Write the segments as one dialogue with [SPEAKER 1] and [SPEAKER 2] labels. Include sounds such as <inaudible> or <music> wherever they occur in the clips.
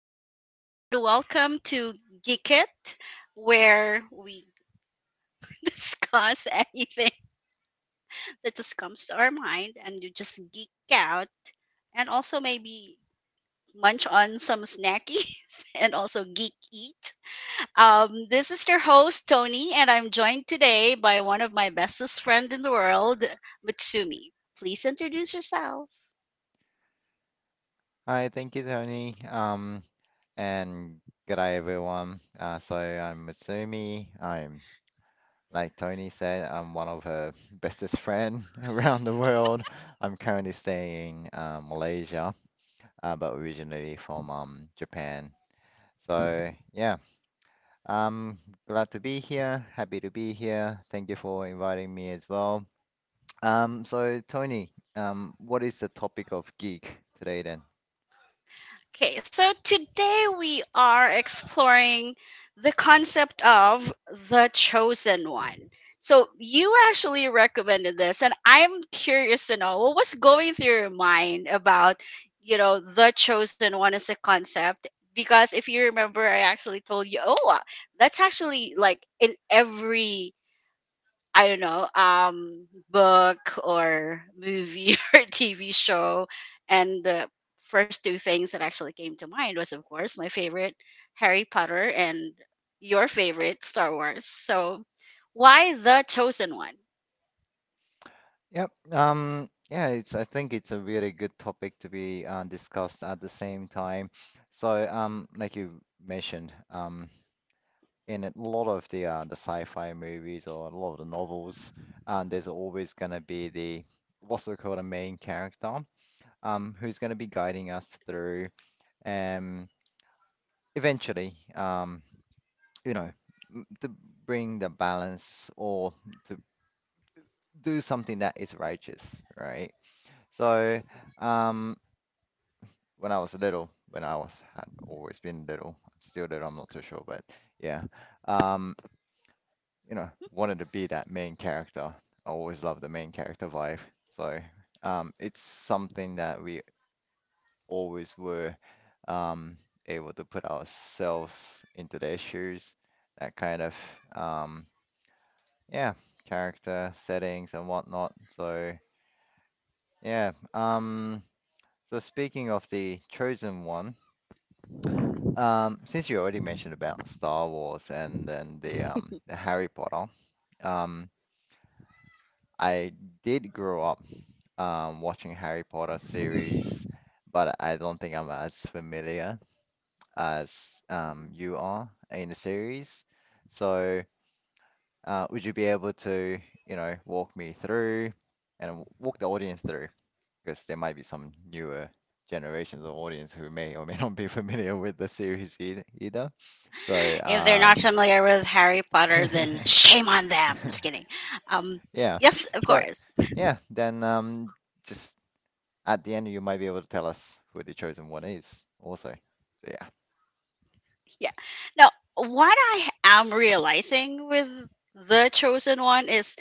[SPEAKER 1] Everyone, and welcome to Geek It, where we <laughs> discuss anything that just comes to our mind and you just geek out and also maybe munch on some snackies <laughs> and also geek eat. This is your host, Tony, and I'm joined today by one of my bestest friend in the world, Mitsumi. Please introduce yourself.
[SPEAKER 2] Hi, thank you, Tony. And good day, everyone. So I'm Mitsumi. Like Tony said, I'm one of her <laughs> bestest friend <laughs> around the world. I'm currently staying in Malaysia, but originally from Japan. So yeah, I'm glad to be here. Happy to be here. Thank you for inviting me as well. So Tony, what is the topic of geek today then?
[SPEAKER 1] Okay, so today we are exploring the concept of the chosen one. So you actually recommended this, and I'm curious to know what was going through your mind about, you know, the chosen one as a concept. Because if you remember, I actually told you, that's actually like in every I don't know, book or movie <laughs> or TV show. And the first two things that actually came to mind was, of course, my favorite Harry Potter and your favorite Star Wars. So, why the chosen one?
[SPEAKER 2] Yep. Yeah, it's I think it's a really good topic to be discussed at the same time. So, like you mentioned, in a lot of the the sci-fi movies or a lot of the novels, there's always gonna be the what's so called a main character, who's gonna be guiding us through, um, eventually, you know, to bring the balance or to do something that is righteous, right? So. Um, when I was little, when I was had always been little, I'm still little, I'm not too sure, but yeah, um, you know, wanted to be that main character. I always loved the main character vibe. So, it's something that we always were, um, able to put ourselves into their shoes, that kind of, um, yeah, character settings and whatnot. So, yeah, so speaking of the chosen one. Since you already mentioned about Star Wars and then the Harry Potter, um, I did grow up watching Harry Potter series, but I don't think I'm as familiar as
[SPEAKER 1] Mhm.
[SPEAKER 2] you are in the series. So, would you be able to, you know, walk me through and walk the audience through? Because there might be some newer generations of audience who may or may not be <laughs> familiar with the series either. So,
[SPEAKER 1] If they're not
[SPEAKER 2] um.
[SPEAKER 1] familiar with Harry Potter, then
[SPEAKER 2] <laughs>
[SPEAKER 1] shame on them. Just kidding. Um,
[SPEAKER 2] Yeah.
[SPEAKER 1] yes, of
[SPEAKER 2] So,
[SPEAKER 1] course. <laughs>
[SPEAKER 2] yeah, then just at the end, you might be able to tell us who the chosen one is also. So, yeah.
[SPEAKER 1] Yeah. Now, what I am realizing with the chosen one is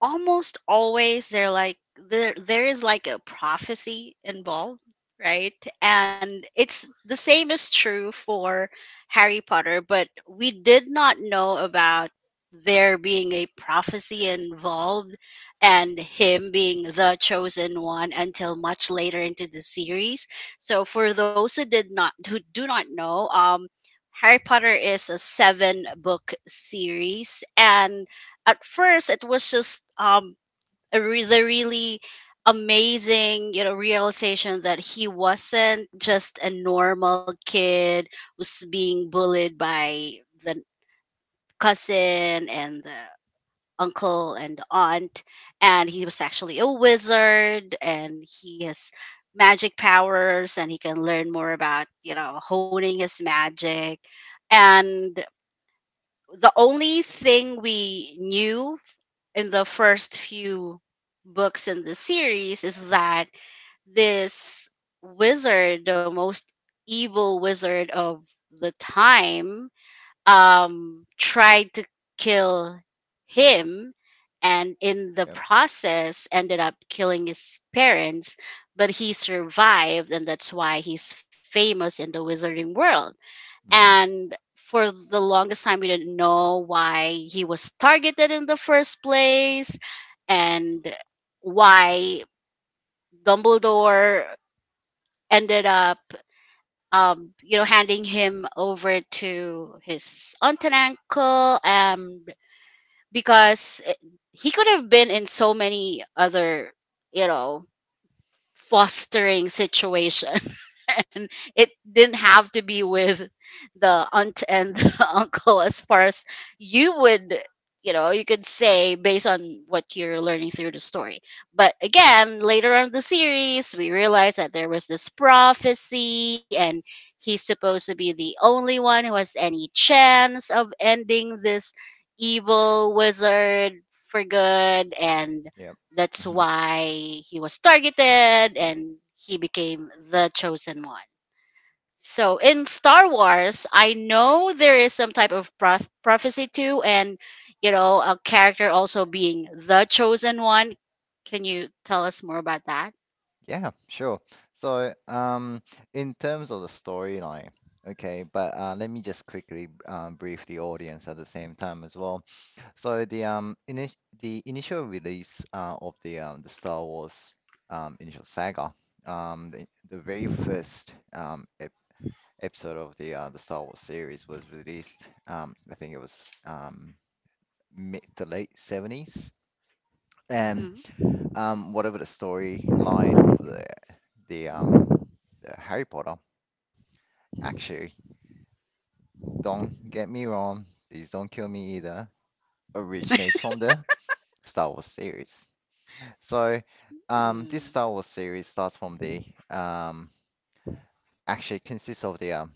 [SPEAKER 1] almost always they're like there is like a prophecy involved, right? And it's the same is true for Harry Potter, but we did not know about there being a prophecy involved and him being the chosen one until much later into the series. So for those who did not, who do not know, Harry Potter is a seven book series, and at first it was just the really amazing, you know, realization that he wasn't just a normal kid who's being bullied by the cousin and the uncle and the aunt, and he
[SPEAKER 2] Mm.
[SPEAKER 1] was actually a wizard and he has magic powers and he can learn more about, you know, honing his magic. And the only thing we knew in the first few books in the series is that this wizard, the most evil wizard of the time, tried to kill him, and in the
[SPEAKER 2] Yep.
[SPEAKER 1] process ended up killing his parents, but he survived, and that's why he's famous in the wizarding world.
[SPEAKER 2] Hmm.
[SPEAKER 1] And for the longest time we didn't know why he was targeted in the first place, and why Dumbledore ended up you know, handing him over to his aunt and uncle, because he could have been in so many other, you know, fostering situation <laughs> and it didn't have to be with the aunt and <laughs> the uncle, as far as you would, you know, you could say based on what you're learning through the story. But again, later on in the series, we realized that there was this prophecy, and he's supposed to be the only one who has any chance of ending this evil wizard for good, and
[SPEAKER 2] Yep.
[SPEAKER 1] that's
[SPEAKER 2] Hmm.
[SPEAKER 1] why he was targeted and he became the chosen one. So in Star Wars, I know there is some type of prophecy too, and you know, a character also being the chosen one. Can you tell us more about that?
[SPEAKER 2] Yeah, sure. So, in terms of the storyline, okay, but let me just quickly brief the audience at the same time as well. So the ini the initial release of the Star Wars initial saga, the very first ep episode of the Star Wars series was released. I think it was mid to late 70s, and
[SPEAKER 1] Mm-hmm.
[SPEAKER 2] whatever the storyline of the um the Harry Potter, actually, don't get me wrong, please don't kill me either, originates from the Star Wars series. So, this
[SPEAKER 1] Mm-hmm.
[SPEAKER 2] Star Wars series starts from the um, actually consists of the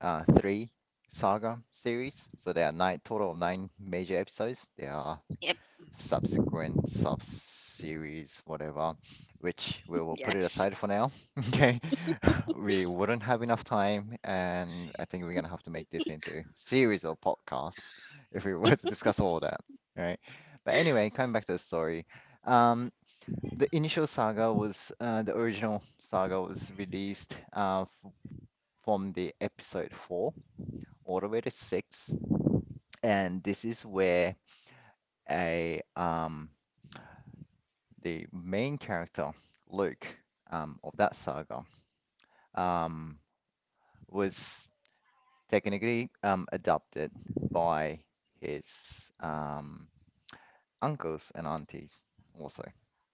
[SPEAKER 2] three saga series. So there are nine total of nine major episodes. There are
[SPEAKER 1] Yep.
[SPEAKER 2] subsequent sub series, whatever, which we will put it
[SPEAKER 1] Yes.
[SPEAKER 2] aside for now. <laughs> Okay, <laughs> we wouldn't have enough time, and I think we're gonna have to make this into series or podcasts if we were to discuss all that. Right. But anyway, coming back to the story. Um, the initial saga was the original saga was released from the episode four all the way to six, and this is where a the main character Luke of that saga um was technically adopted by his uncles and aunties also,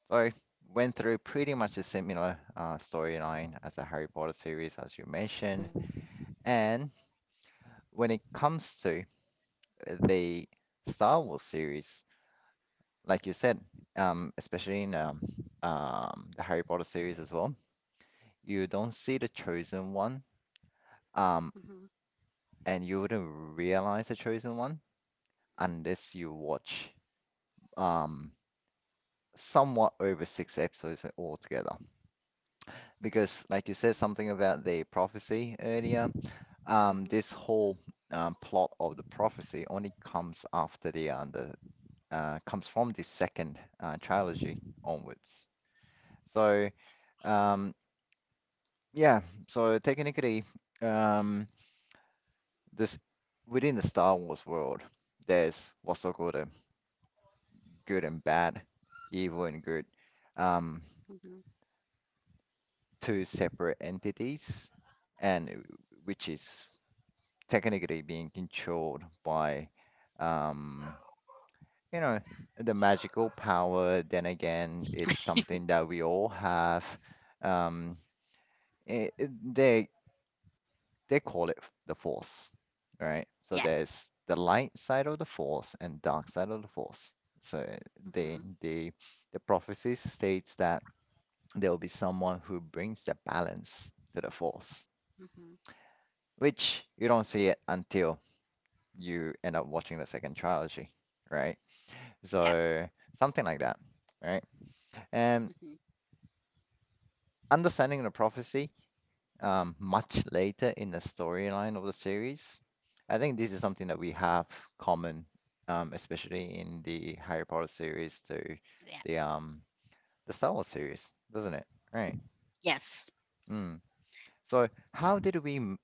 [SPEAKER 2] so went through pretty much a similar storyline as the Harry Potter series as you mentioned. And when it comes to the Star Wars series, like you said, especially in the Harry Potter series as well, you don't see the chosen one, um,
[SPEAKER 1] Mm-hmm.
[SPEAKER 2] and you wouldn't realize the chosen one unless you watch um, somewhat over six episodes altogether. Because, like you said, something about the prophecy earlier, this
[SPEAKER 1] Mm-hmm.
[SPEAKER 2] whole plot of the prophecy only comes after the comes from this second trilogy onwards. So, um, yeah, so technically, um, this within the Star Wars world, there's what's so called a good and bad, evil and good, um,
[SPEAKER 1] Mm-hmm.
[SPEAKER 2] two separate entities, and which is technically being controlled by, um, you know, the magical power. Then again, it's something that we all have. Um, it, it- they they call it the force, right?
[SPEAKER 1] Yeah.
[SPEAKER 2] So there's the light side of the force and dark side of the force. So they
[SPEAKER 1] Mm-hmm.
[SPEAKER 2] they the prophecy states that there will be someone who brings the balance to the force,
[SPEAKER 1] Mm-hmm.
[SPEAKER 2] which you don't see it until you end up watching the second trilogy, right?
[SPEAKER 1] Yeah.
[SPEAKER 2] So something like that, right? And
[SPEAKER 1] Mm-hmm.
[SPEAKER 2] understanding the prophecy much later in the storyline of the series. I think this is something that we have common, especially in the Harry Potter series to
[SPEAKER 1] Yeah.
[SPEAKER 2] the um the Star Wars series, doesn't it? Right.
[SPEAKER 1] Yes.
[SPEAKER 2] Mm. So how did we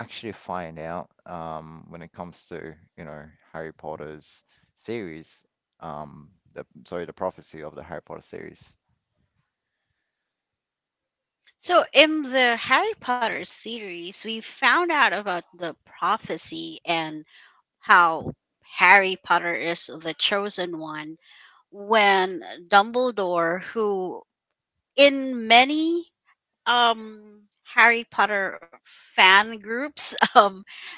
[SPEAKER 2] actually find out when it comes to, you know, Harry Potter's series, um the sorry, the prophecy of the Harry Potter series?
[SPEAKER 1] So, in the Harry Potter series, we found out about the prophecy and how Harry Potter is the chosen one when Dumbledore, who in many Harry Potter fan groups <laughs> um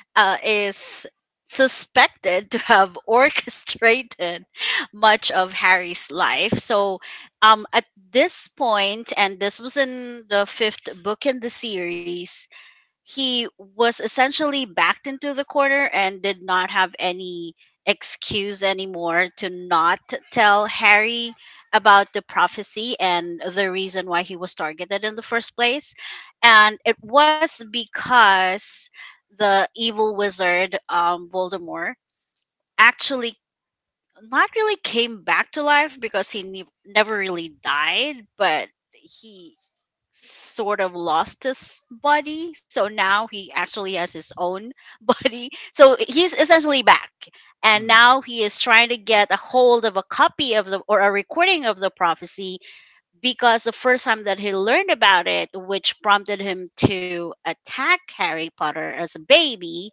[SPEAKER 1] uh, is suspected to have <laughs> orchestrated much of Harry's life. So at this point, and this was in the fifth book in the series, he was essentially backed into the corner and did not have any excuse anymore to not tell Harry about the prophecy and the reason why he was targeted in the first place. And it was because the evil wizard, Voldemort, actually not really came back to life because he never really died, but he sort of lost his body, so now he actually has his own <laughs> body, so he's essentially back, and
[SPEAKER 2] Mm,
[SPEAKER 1] now he is trying to get a hold of a copy of the, or a recording of the prophecy. Because the first time that he learned about it, which prompted him to attack Harry Potter as a baby,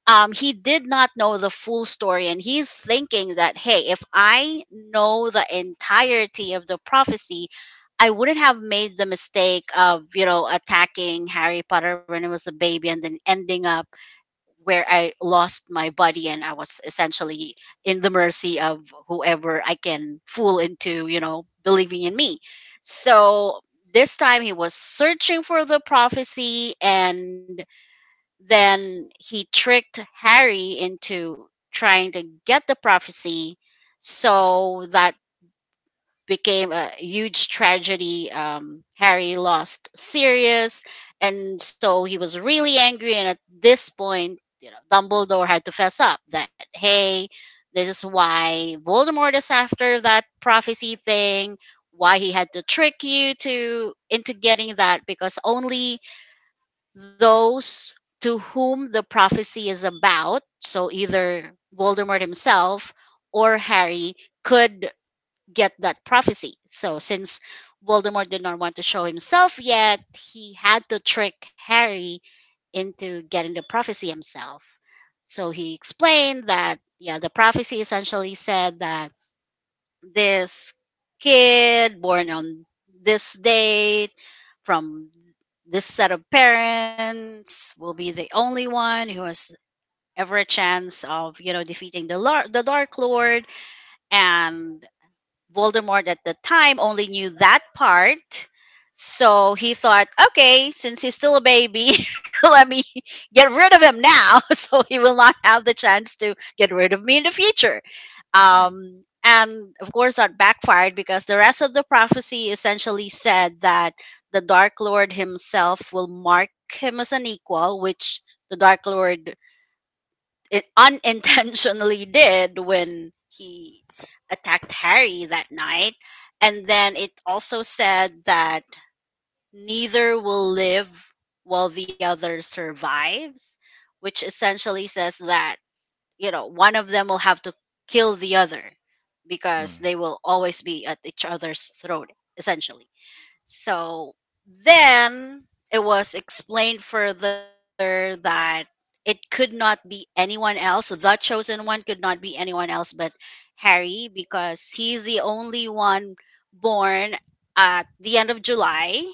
[SPEAKER 1] he did not know the full story, and he's thinking that, hey, if I know the entirety of the prophecy, I wouldn't have made the mistake of, you know, attacking Harry Potter when it was a baby, and then ending up where I lost my body and I was essentially in the mercy of whoever I can fool into, you know, believing in me. So this time he was searching for the prophecy, and then he tricked Harry into trying to get the prophecy, so that became a huge tragedy. Harry lost Sirius, and so he was really angry. And at this point, you know, Dumbledore had to fess up that, hey, this is why Voldemort is after that prophecy thing. Why he had to trick you to into getting that, because only those to whom the prophecy is about, so either Voldemort himself or Harry, could get that prophecy. So since Voldemort did not want to show himself yet, he had to trick Harry into getting the prophecy himself. So he explained that, yeah, the prophecy essentially said that this kid born on this date from this set of parents will be the only one who has ever a chance of, you know, defeating the the dark lord. And Voldemort at the time only knew that part. So he thought, okay, since he's still a baby, <laughs> let me get rid of him now <laughs> so he will not have the chance to get rid of me in the future.
[SPEAKER 2] mm,
[SPEAKER 1] And of course, that backfired, because the rest of the prophecy essentially said that the Dark Lord himself will mark him as an equal, which the Dark Lord it unintentionally did when he attacked Harry that night. And then it also said that neither will live while the other survives, which essentially says that, you know, one of them will have to kill the other because
[SPEAKER 2] mm,
[SPEAKER 1] they will always be at each other's throat, essentially. So then it was explained further that it could not be anyone else. The chosen one could not be anyone else but Harry, because he's the only one born at the end of July,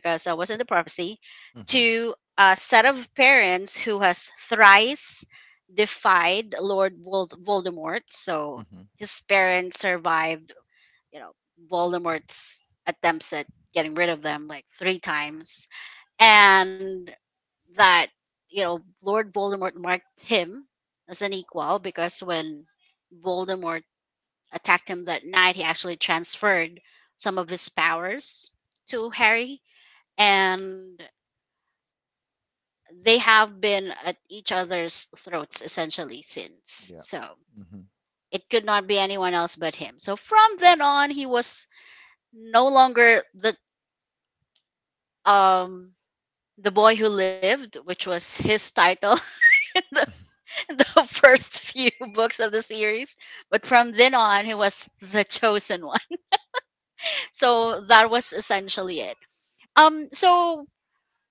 [SPEAKER 1] because I was in the prophecy,
[SPEAKER 2] mm-hmm,
[SPEAKER 1] to a set of parents who has thrice defied Lord Voldemort. So
[SPEAKER 2] mm-hmm.
[SPEAKER 1] his parents survived, you know, Voldemort's attempts at getting rid of them like three times. And that, you know, Lord Voldemort marked him as an equal, because when Voldemort attacked him that night, he actually transferred some of his powers to Harry. And they have been at each other's throats essentially since.
[SPEAKER 2] Yeah.
[SPEAKER 1] So it could not be anyone else but him. So from then on, he was no longer um the Boy Who Lived, which was his title <laughs> in in the first few books of the series. But from then on, he was the chosen one. <laughs> So that was essentially it. So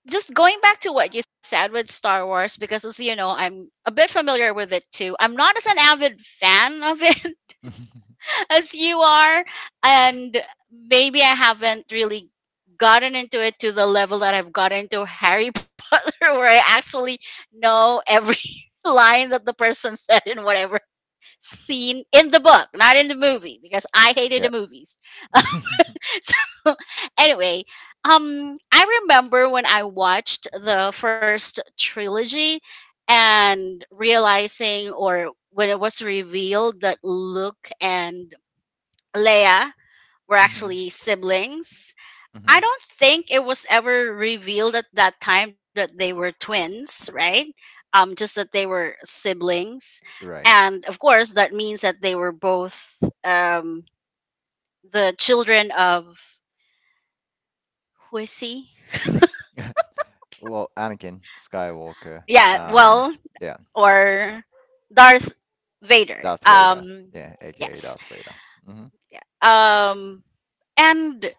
[SPEAKER 1] just going back to what you said with Star Wars, because as you know, I'm a bit familiar with it too. I'm not as an avid fan of it
[SPEAKER 2] Mm-hmm.
[SPEAKER 1] as you are, and maybe I haven't really gotten into it to the level that I've gotten to Harry <laughs> Potter, where I actually know every <laughs> line that the person said in whatever scene in the book, not in the movie because I hated the
[SPEAKER 2] <laughs>
[SPEAKER 1] movies. <laughs>
[SPEAKER 2] Mhm,
[SPEAKER 1] So anyway, I remember when I watched the first trilogy and realizing, or when it was revealed that Luke and Leia were actually siblings. I
[SPEAKER 2] mhm.
[SPEAKER 1] don't think it was ever revealed at that time that they were twins, right? Just that they were siblings.
[SPEAKER 2] <laughs> Right.
[SPEAKER 1] And of course, that means that they were both um, the children of, who is he?
[SPEAKER 2] <laughs> Well, Anakin Skywalker.
[SPEAKER 1] Yeah, well,
[SPEAKER 2] Um, yeah,
[SPEAKER 1] or Darth Vader.
[SPEAKER 2] Darth Vader. Yeah, aka
[SPEAKER 1] Yes.
[SPEAKER 2] Darth Vader. Mhm,
[SPEAKER 1] Um, and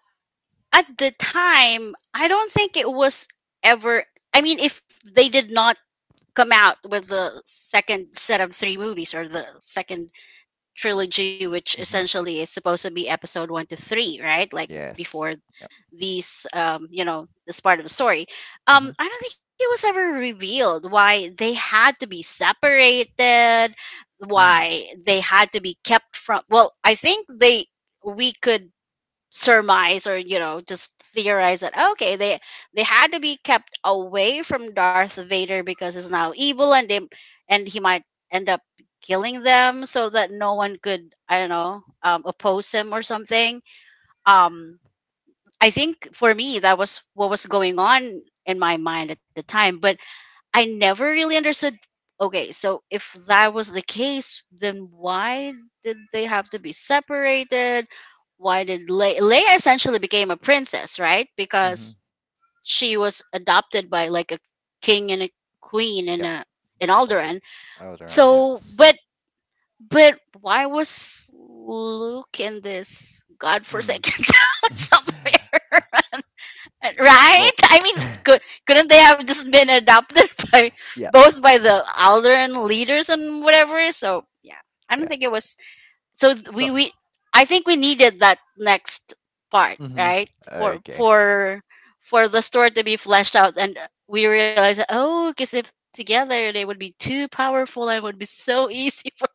[SPEAKER 1] at the time, I don't think it was ever. I mean, if they did not come out with the second set of three movies, or the second trilogy, which
[SPEAKER 2] mhm.
[SPEAKER 1] essentially is supposed to be episode one to three, right? Like
[SPEAKER 2] Yes.
[SPEAKER 1] before
[SPEAKER 2] Yep.
[SPEAKER 1] these, you know, this part of the story.
[SPEAKER 2] Mhm,
[SPEAKER 1] I don't think it was ever revealed why they had to be separated,
[SPEAKER 2] mhm,
[SPEAKER 1] why they had to be kept from. Well, I think they we could surmise, or you know, just theorize that, okay, they had to be kept away from Darth Vader because he's now evil, and they and he might end up killing them, so that no one could, I don't know, oppose him or something. Um, I think for me that was what was going on in my mind at the time, but I never really understood. Okay, so if that was the case, then why did they have to be separated? Why did Leia essentially became a princess, right?
[SPEAKER 2] mhm.
[SPEAKER 1] Because she was adopted by like a king and a queen and a
[SPEAKER 2] Yep.
[SPEAKER 1] in Alderaan.
[SPEAKER 2] All the Alderaan.
[SPEAKER 1] So, but
[SPEAKER 2] Yes.
[SPEAKER 1] but why was Luke in this
[SPEAKER 2] Mm.
[SPEAKER 1] godforsaken <laughs> town
[SPEAKER 2] <laughs>
[SPEAKER 1] somewhere? Right?
[SPEAKER 2] Well,
[SPEAKER 1] I mean, couldn't they have just been adopted <laughs> by
[SPEAKER 2] yeah,
[SPEAKER 1] both by the elder and leaders and whatever? So yeah, I don't
[SPEAKER 2] yeah.
[SPEAKER 1] think it was. So th-
[SPEAKER 2] So,
[SPEAKER 1] we I think we needed that next part,
[SPEAKER 2] mhm.
[SPEAKER 1] right? For
[SPEAKER 2] Okay.
[SPEAKER 1] for for the story to be fleshed out, and we realized, oh, because if together they would be too powerful, and it would be so easy <laughs> for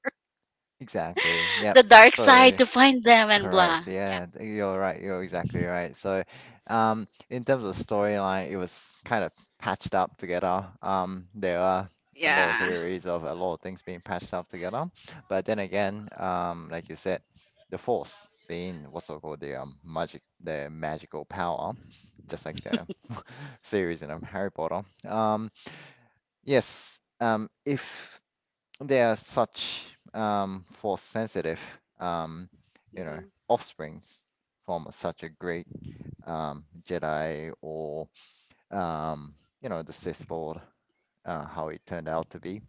[SPEAKER 2] Exactly. Yep.
[SPEAKER 1] the dark side
[SPEAKER 2] So.
[SPEAKER 1] to find them and blah.
[SPEAKER 2] Correct.
[SPEAKER 1] Yeah.
[SPEAKER 2] Yeah, you're right. You're exactly right. So, in terms of storyline, it was kind of patched up together. There are a lot
[SPEAKER 1] Yeah.
[SPEAKER 2] of theories of a lot of things being patched up together, but then again, like you said, the force being what's so called the magic, the magical power, just like the <laughs> series in Harry Potter. Um, yes. If they are such force sensitive, um, you know,
[SPEAKER 1] Mhm.
[SPEAKER 2] offsprings from such a great Jedi or um, you know the Sith Lord, how it turned out to be.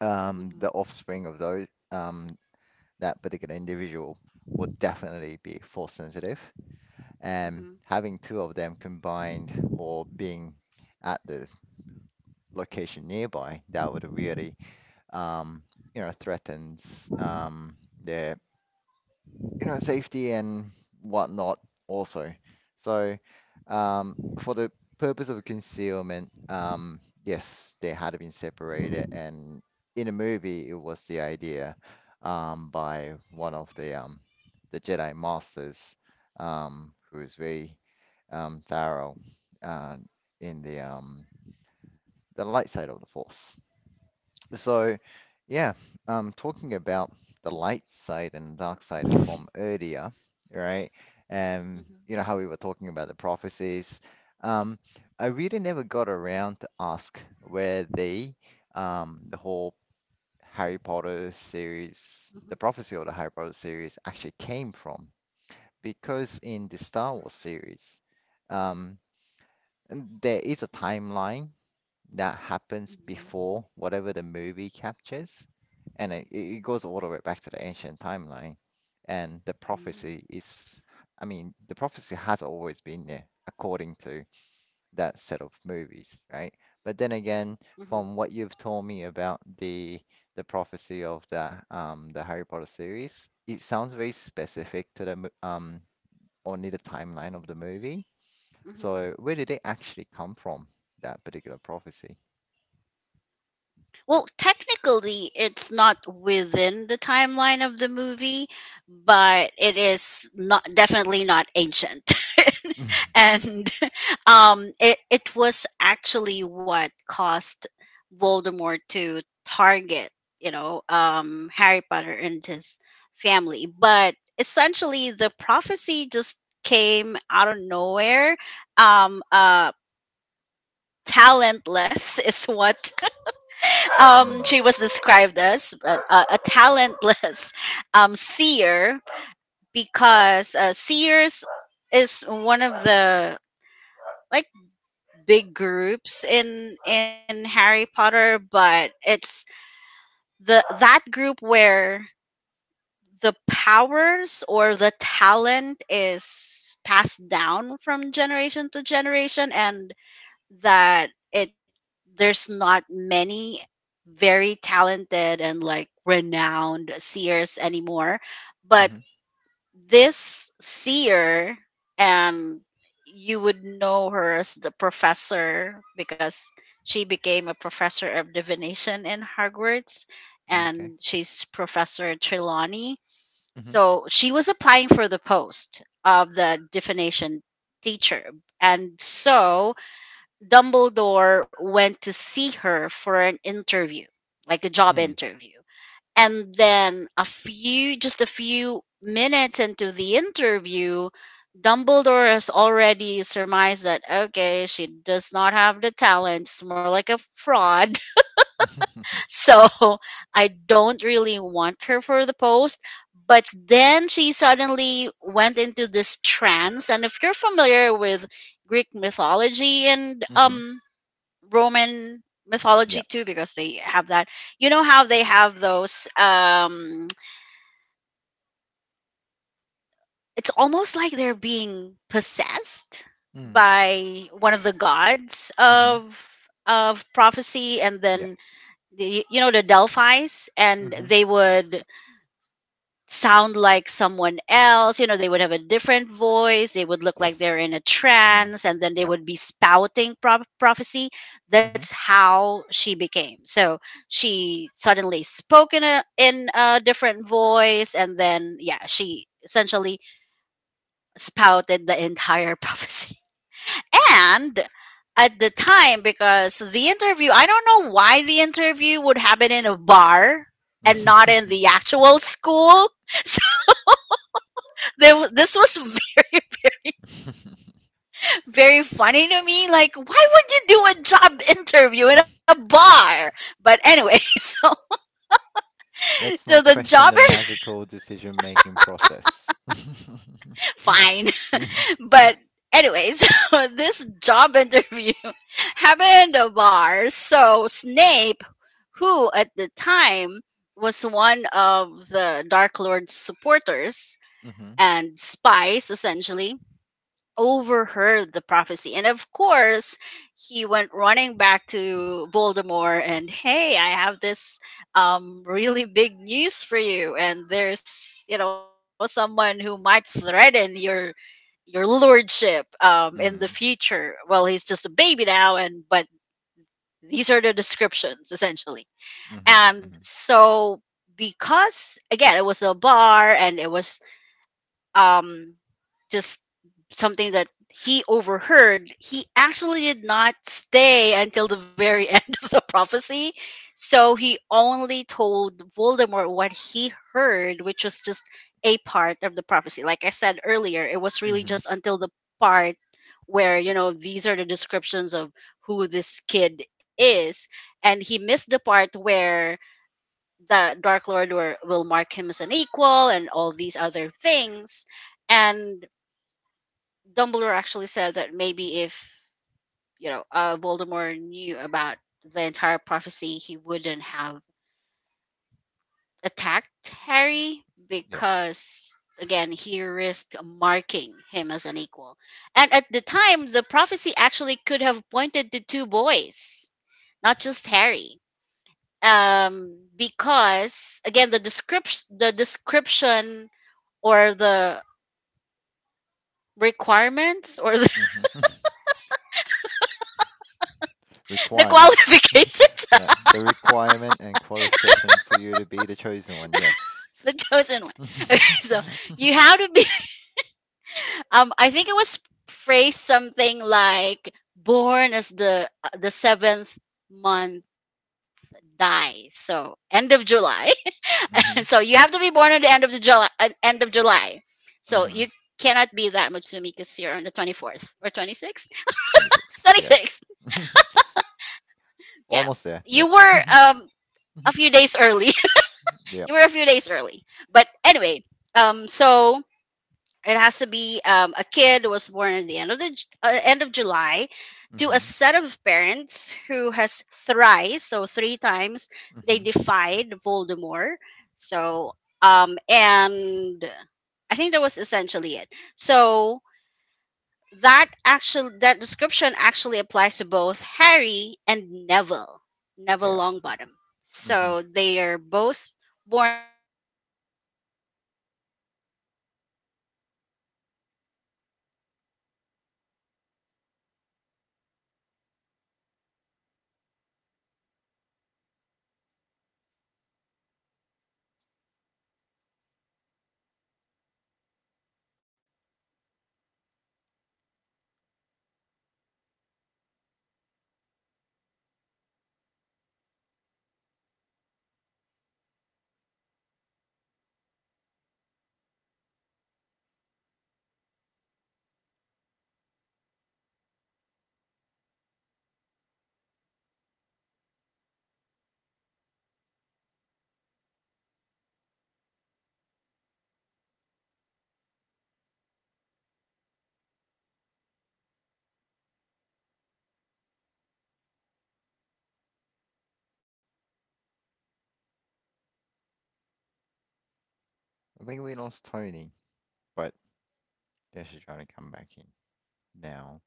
[SPEAKER 1] Mhm.
[SPEAKER 2] The offspring of those that particular individual would definitely be force sensitive, and
[SPEAKER 1] Mhm.
[SPEAKER 2] having two of them combined or being at the location nearby, that would really um, you know, threatens their, you know, safety and whatnot also. So, for the purpose of concealment, yes, they had been separated, and in a movie, it was the idea by one of the Jedi Masters, who is very thorough uh, in the light side of the Force.
[SPEAKER 1] Yes.
[SPEAKER 2] So, yeah, talking about the light side and dark side from earlier, right?
[SPEAKER 1] Mhm.
[SPEAKER 2] You know how we were talking about the prophecies. Um, I really never got around to ask where the whole Harry Potter series,
[SPEAKER 1] Mhm.
[SPEAKER 2] the prophecy of the Harry Potter series actually came from, because in the Star Wars series, um, and there is a timeline that happens
[SPEAKER 1] Mhm,
[SPEAKER 2] before whatever the movie captures, and it goes all the way back to the ancient timeline. And the
[SPEAKER 1] mhm,
[SPEAKER 2] prophecy is, I mean, the prophecy has always been there according to that set of movies, right? But then again,
[SPEAKER 1] mhm,
[SPEAKER 2] from what you've told me about the prophecy of the Harry Potter series, it sounds very specific to only the timeline of the movie. So,
[SPEAKER 1] mhm.
[SPEAKER 2] where did they actually come from, that particular prophecy?
[SPEAKER 1] Well, technically, it's not within the timeline of the movie, but it is not definitely not ancient. <laughs>
[SPEAKER 2] <laughs>
[SPEAKER 1] And <laughs> it was actually what caused Voldemort to target, Harry Potter and his family. But essentially, the prophecy just came out of nowhere. Um, uh, talentless <laughs> is what
[SPEAKER 2] Mm.
[SPEAKER 1] she was described as, a talentless <laughs> seer, because seers is one of the like big groups in Harry Potter, but it's the that group where the powers or the talent is passed down from generation to generation, and that it there's not many very talented and like renowned seers anymore. But
[SPEAKER 2] Mm-hmm.
[SPEAKER 1] this seer, and you would know her as the professor because she became a professor of divination in Hogwarts,
[SPEAKER 2] Okay.
[SPEAKER 1] and she's Professor Trelawney,
[SPEAKER 2] Mm-hmm.
[SPEAKER 1] so she was applying for the post of the divination teacher. And so Dumbledore went to see her for an interview, like a job
[SPEAKER 2] Mm.
[SPEAKER 1] interview. And then a few just a few minutes into the interview, Dumbledore has already surmised that, okay, she does not have the talent. It's more like a fraud. <laughs>
[SPEAKER 2] <laughs>
[SPEAKER 1] So I don't really want her for the post. But then she suddenly went into this trance. And if you're familiar with Greek mythology and
[SPEAKER 2] Mm-hmm.
[SPEAKER 1] Roman mythology
[SPEAKER 2] Yep.
[SPEAKER 1] too, because they have that. You know how they have those, it's almost like they're being possessed
[SPEAKER 2] Mm.
[SPEAKER 1] by one of the gods
[SPEAKER 2] Mm-hmm.
[SPEAKER 1] of prophecy, and
[SPEAKER 2] Yep.
[SPEAKER 1] then the, you know the Delphi's, and
[SPEAKER 2] Mm-hmm.
[SPEAKER 1] they would sound like someone else, they would have a different voice, they would look like they're
[SPEAKER 2] Yes.
[SPEAKER 1] in a
[SPEAKER 2] Mm.
[SPEAKER 1] trance, and then they
[SPEAKER 2] Yep.
[SPEAKER 1] would be spouting prophecy. That's
[SPEAKER 2] Mm-hmm.
[SPEAKER 1] how she became so, she suddenly spoke in a different voice, and then yeah, she essentially spouted the entire <laughs> prophecy. And at the time, because the interview, I don't know why the interview would happen in a bar and not in the actual school. <laughs> This was very <laughs> very funny to me, like, why would you do a job interview in a
[SPEAKER 2] <laughs>
[SPEAKER 1] bar? But anyway, <laughs> so, so
[SPEAKER 2] Let's
[SPEAKER 1] the
[SPEAKER 2] not
[SPEAKER 1] job,
[SPEAKER 2] question the magical decision-making process. <laughs>
[SPEAKER 1] <laughs> fine,
[SPEAKER 2] Mm-hmm.
[SPEAKER 1] but anyway, <laughs> so this job interview <laughs> happened in a bar. So Snape, who at the time was one of the Dark Lord's supporters and spies essentially, overheard the prophecy. And of course, he went running back to Voldemort and, hey, I have this really big news for you. And there's, someone who might threaten your lordship in
[SPEAKER 2] Mm.
[SPEAKER 1] the future. Well, he's just a baby now, these are the descriptions essentially.
[SPEAKER 2] Mm-hmm.
[SPEAKER 1] And
[SPEAKER 2] Mm-hmm.
[SPEAKER 1] so, because again, it was a bar and it was, um, just something that he overheard, he actually did not stay until the very <laughs> end of the prophecy. So he only told Voldemort what he heard, which was just a part of the prophecy. Like I said earlier, it was really
[SPEAKER 2] Mm-hmm.
[SPEAKER 1] just until the part where, these are the descriptions of who this kid is. And he missed the part where the Dark Lord will mark him as an equal and all these other things. And Dumbledore actually said that maybe if Voldemort knew about the entire prophecy, he wouldn't have attacked Harry,
[SPEAKER 2] Yep.
[SPEAKER 1] because again, he risked marking him as an equal. And at the time, the prophecy actually could have pointed to two boys, not just Harry, because again, the description, or the requirements, or
[SPEAKER 2] Mm-hmm. <laughs>
[SPEAKER 1] <laughs> the
[SPEAKER 2] Requirements.
[SPEAKER 1] qualifications <laughs>
[SPEAKER 2] Yeah,
[SPEAKER 1] of
[SPEAKER 2] the requirement and qualification for you to be the chosen one. Yes.
[SPEAKER 1] the
[SPEAKER 2] <laughs>
[SPEAKER 1] chosen one. <laughs> Okay, so you have to be, <laughs> I think it was phrased something like, born as the, the seventh month die. So end of July. <laughs> So you have
[SPEAKER 2] Mm-hmm.
[SPEAKER 1] to be born at end of July. So you
[SPEAKER 2] Mm-hmm.
[SPEAKER 1] cannot be that Mutsumi because you're on the 24th or 26th.
[SPEAKER 2] 26.
[SPEAKER 1] 26th.
[SPEAKER 2] Yes. <laughs>
[SPEAKER 1] <laughs> Yeah.
[SPEAKER 2] Almost there.
[SPEAKER 1] You
[SPEAKER 2] Yep.
[SPEAKER 1] were,
[SPEAKER 2] <laughs>
[SPEAKER 1] a few days early.
[SPEAKER 2] Yep.
[SPEAKER 1] You were a few days early. But anyway, so it has to be, a kid who was born at the end of the end of July, to a
[SPEAKER 2] Mm-hmm.
[SPEAKER 1] set of parents who has thrice, so three times, they
[SPEAKER 2] Mm-hmm.
[SPEAKER 1] defied Voldemort. So, and I think that was essentially it. So that description actually applies to both Harry and Neville, Neville
[SPEAKER 2] Yeah.
[SPEAKER 1] Longbottom.
[SPEAKER 2] Mm-hmm.
[SPEAKER 1] So they are both born.
[SPEAKER 2] I think we lost Tony, but they should try to come back in now.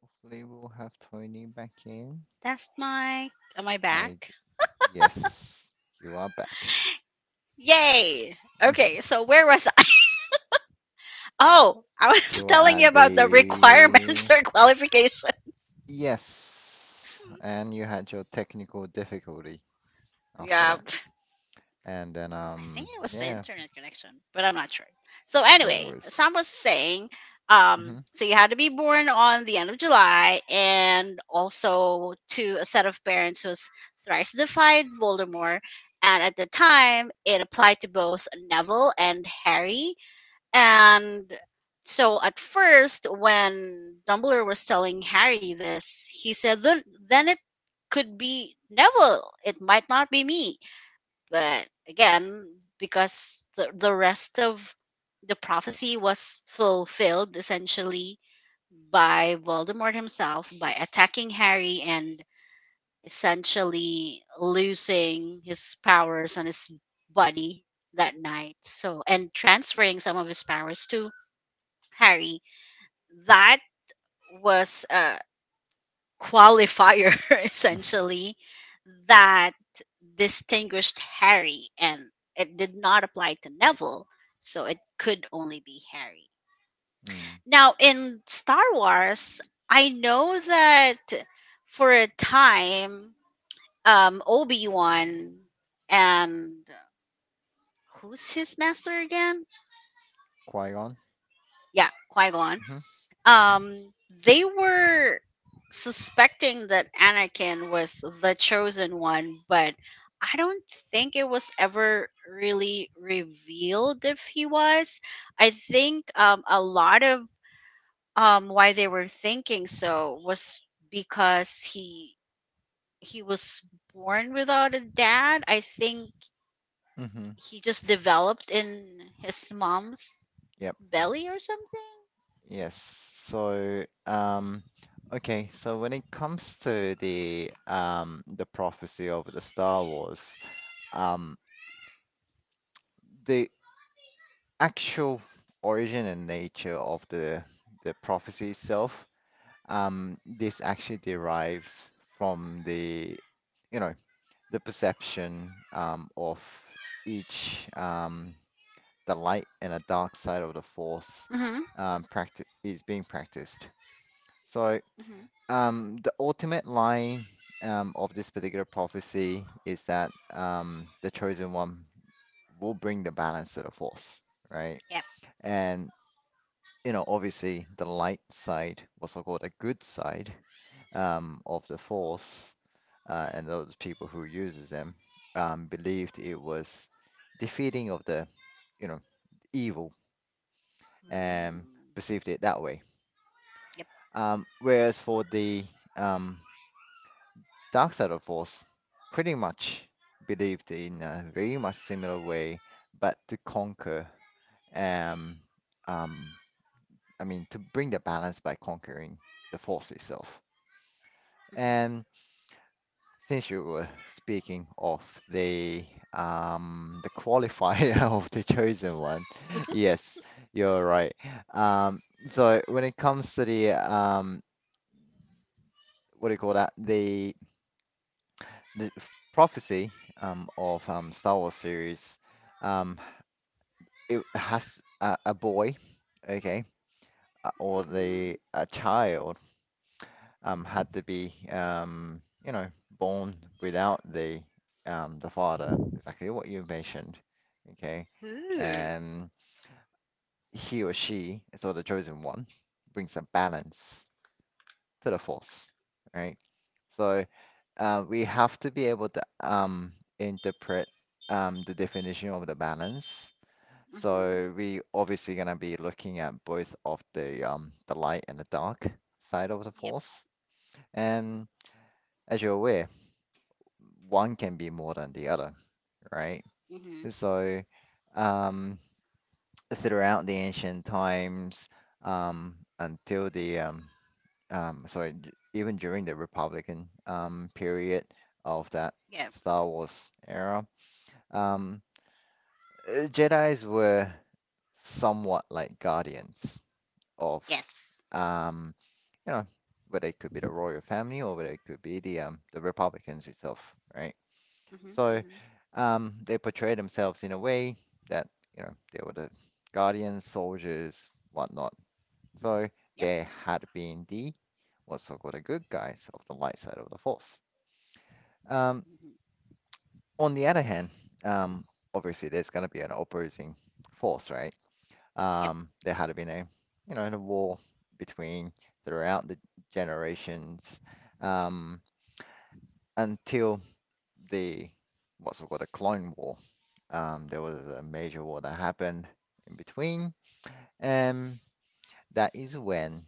[SPEAKER 2] Hopefully, we'll have Tony back in.
[SPEAKER 1] That's my am I
[SPEAKER 2] I.
[SPEAKER 1] back?
[SPEAKER 2] Yes, you are back.
[SPEAKER 1] Yay! Okay,
[SPEAKER 2] <laughs>
[SPEAKER 1] so where was I? <laughs> Oh, I was <laughs>
[SPEAKER 2] You are
[SPEAKER 1] telling you
[SPEAKER 2] at
[SPEAKER 1] about the
[SPEAKER 2] the
[SPEAKER 1] requirements, <laughs> or qualification.
[SPEAKER 2] Yes, and you had your technical difficulty after
[SPEAKER 1] Yeah,
[SPEAKER 2] that.
[SPEAKER 1] pff,
[SPEAKER 2] And then,
[SPEAKER 1] I think it was the
[SPEAKER 2] yeah,
[SPEAKER 1] internet connection, but I'm not sure. So
[SPEAKER 2] no
[SPEAKER 1] anyway,
[SPEAKER 2] worries.
[SPEAKER 1] Sam was saying,
[SPEAKER 2] Mm-hmm.
[SPEAKER 1] so you had to be born on the end of July, and also to a set of parents who's thrice defied Voldemort. And at the time, it applied to both Neville and Harry. And so at first, when Dumbledore was telling Harry this, he said, then it could be Neville. It might not be me. But again, because the rest of the prophecy was fulfilled essentially by Voldemort himself, by attacking Harry and essentially losing his powers on his body that night. So, and transferring some of his powers to Harry, that was a qualifier <laughs>
[SPEAKER 2] <laughs>
[SPEAKER 1] essentially that distinguished Harry, and it did not apply to Neville, so it could only be Harry.
[SPEAKER 2] Mm.
[SPEAKER 1] Now, in Star Wars, I know that for a time, Obi Wan and, who's his master again?
[SPEAKER 2] Qui-Gon?
[SPEAKER 1] Yeah, Qui Gon,
[SPEAKER 2] Mm-hmm.
[SPEAKER 1] um they were suspecting that Anakin was the chosen one, but I don't think it was ever really revealed if he was. I think, a lot of, why they were thinking so, was because he was born without a dad. I think
[SPEAKER 2] Mm-hmm.
[SPEAKER 1] he just developed in his mom's
[SPEAKER 2] Yep.
[SPEAKER 1] belly or something.
[SPEAKER 2] Yes. So, okay, so when it comes to the prophecy of the Star Wars, um, the actual origin and nature of the prophecy itself this actually derives from the, you know, the perception of each the light and the dark side of the force
[SPEAKER 1] Mhm.
[SPEAKER 2] practice is being practiced. So
[SPEAKER 1] Mhm.
[SPEAKER 2] the ultimate line of this particular prophecy is that the chosen one will bring the balance to the force, right?
[SPEAKER 1] Yep.
[SPEAKER 2] And you know, obviously the light side, what's so called a good side, of the force, and those people who uses them, believed it was defeating of the, you know, evil, and
[SPEAKER 1] Mm.
[SPEAKER 2] perceived it that way. Whereas for the um, dark side of force, pretty much believed in a very much similar way, but to conquer um, um, I mean, to bring the balance by conquering the force itself.
[SPEAKER 1] Yep.
[SPEAKER 2] And since you were speaking of the the qualifier <laughs> of the chosen one, yes, you're right. Um, so when it comes to the what do you call that? The prophecy of Star Wars series, um it has a boy, okay, or the
[SPEAKER 1] Mhm.
[SPEAKER 2] a child had to be born without the the father, exactly what you mentioned, okay,
[SPEAKER 1] Ooh.
[SPEAKER 2] and he or she, so the chosen one, brings a balance to the force, right? So we have to be able to interpret the definition of the balance.
[SPEAKER 1] Mhm.
[SPEAKER 2] So we obviously gonna be looking at both of the light and the dark side of the
[SPEAKER 1] Yep.
[SPEAKER 2] force, and as you're aware, one can be more than the other, right?
[SPEAKER 1] Mhm.
[SPEAKER 2] So, um, throughout the ancient times, until the sorry, d- even during the Republican period of that
[SPEAKER 1] Yep.
[SPEAKER 2] Star Wars era, um, Jedi's were somewhat like guardians of,
[SPEAKER 1] Yes.
[SPEAKER 2] um, you know, whether it could be the royal family or whether it could be the Republicans itself, right?
[SPEAKER 1] Mhm.
[SPEAKER 2] So
[SPEAKER 1] Mhm.
[SPEAKER 2] they portray themselves in a way that, you know, they were the guardians, soldiers, whatnot. So
[SPEAKER 1] Yep.
[SPEAKER 2] they had been the what's so called the good guys of the light side of the force. Um,
[SPEAKER 1] Mhm.
[SPEAKER 2] on the other hand, um, obviously there's going to be an opposing force, right?
[SPEAKER 1] Yep.
[SPEAKER 2] There had been you know, a war between throughout the generations um, until the what's it called the Clone War. There was a major war that happened in between, and that is when,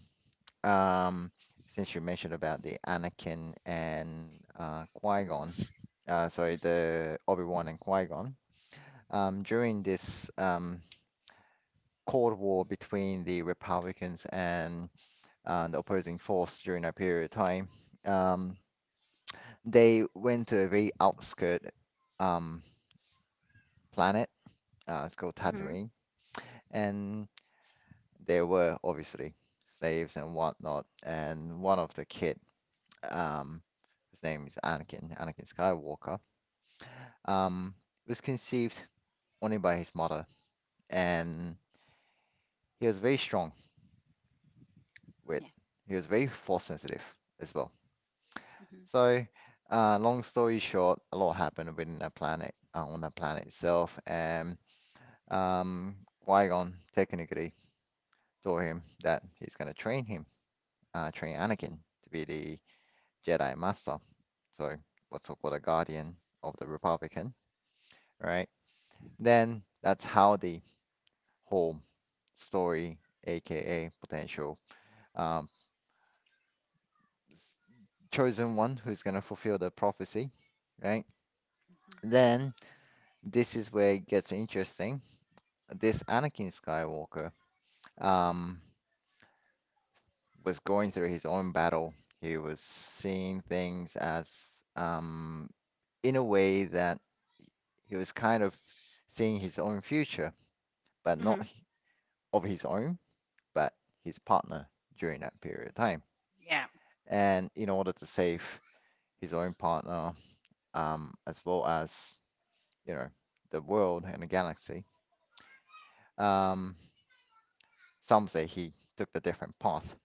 [SPEAKER 2] um, since you mentioned about the Anakin and Qui-Gon,
[SPEAKER 1] Mhm.
[SPEAKER 2] sorry, the Obi-Wan and Qui-Gon, during this Cold War between the Republicans and the opposing force during that period of time, um, they went to a very outskirt um, planet it's called
[SPEAKER 1] Mhm.
[SPEAKER 2] Tatooine, and there were obviously slaves and whatnot. And one of the kid, um, his name is Anakin Skywalker, um, was conceived only by his mother, and he was very with,
[SPEAKER 1] Yeah.
[SPEAKER 2] he was very force sensitive as well.
[SPEAKER 1] Mhm.
[SPEAKER 2] So, long story short, a lot happened within that on that planet itself, and um, Qui-Gon technically told him that he's going to train
[SPEAKER 1] Mhm.
[SPEAKER 2] Anakin to be the Jedi Master. So what's so called a guardian of the Republican, right? Then that's how the whole story, aka potential um, chosen one who's gonna fulfill the prophecy, right?
[SPEAKER 1] Mhm.
[SPEAKER 2] Then this is where it gets interesting. This Anakin Skywalker um, was going through his own battle. He was seeing things as um, in a way that he was kind of seeing his own future, but not
[SPEAKER 1] Mhm.
[SPEAKER 2] of his own, but his partner during that period of time.
[SPEAKER 1] Yeah.
[SPEAKER 2] And in order to save his own partner, as well as, you know, the world and the galaxy, um, some say he took the different path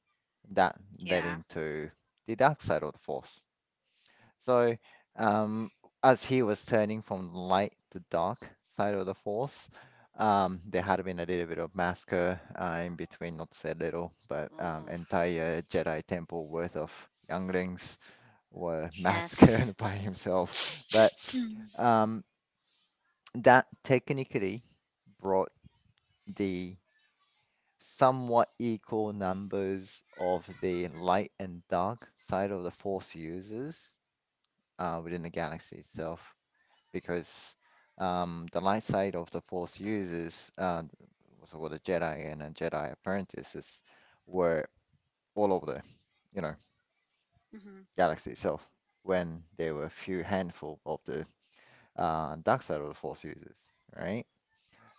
[SPEAKER 2] that led
[SPEAKER 1] Yeah.
[SPEAKER 2] him to the dark side of the force. So, um, as he was turning from light to dark side of the force, there had been a little bit of massacre in between, not said little, but
[SPEAKER 1] Ooh.
[SPEAKER 2] entire Jedi temple worth of younglings were <laughs> massacred
[SPEAKER 1] Yes.
[SPEAKER 2] by himself. But um, that technically brought the somewhat equal numbers of the light and dark side of the force users within the galaxy itself because the light side of the Force users, what's it a Jedi and a Jedi apprentices, were all over the, you know,
[SPEAKER 1] Mhm.
[SPEAKER 2] galaxy itself when there were a few handful of the dark side of the Force users, right?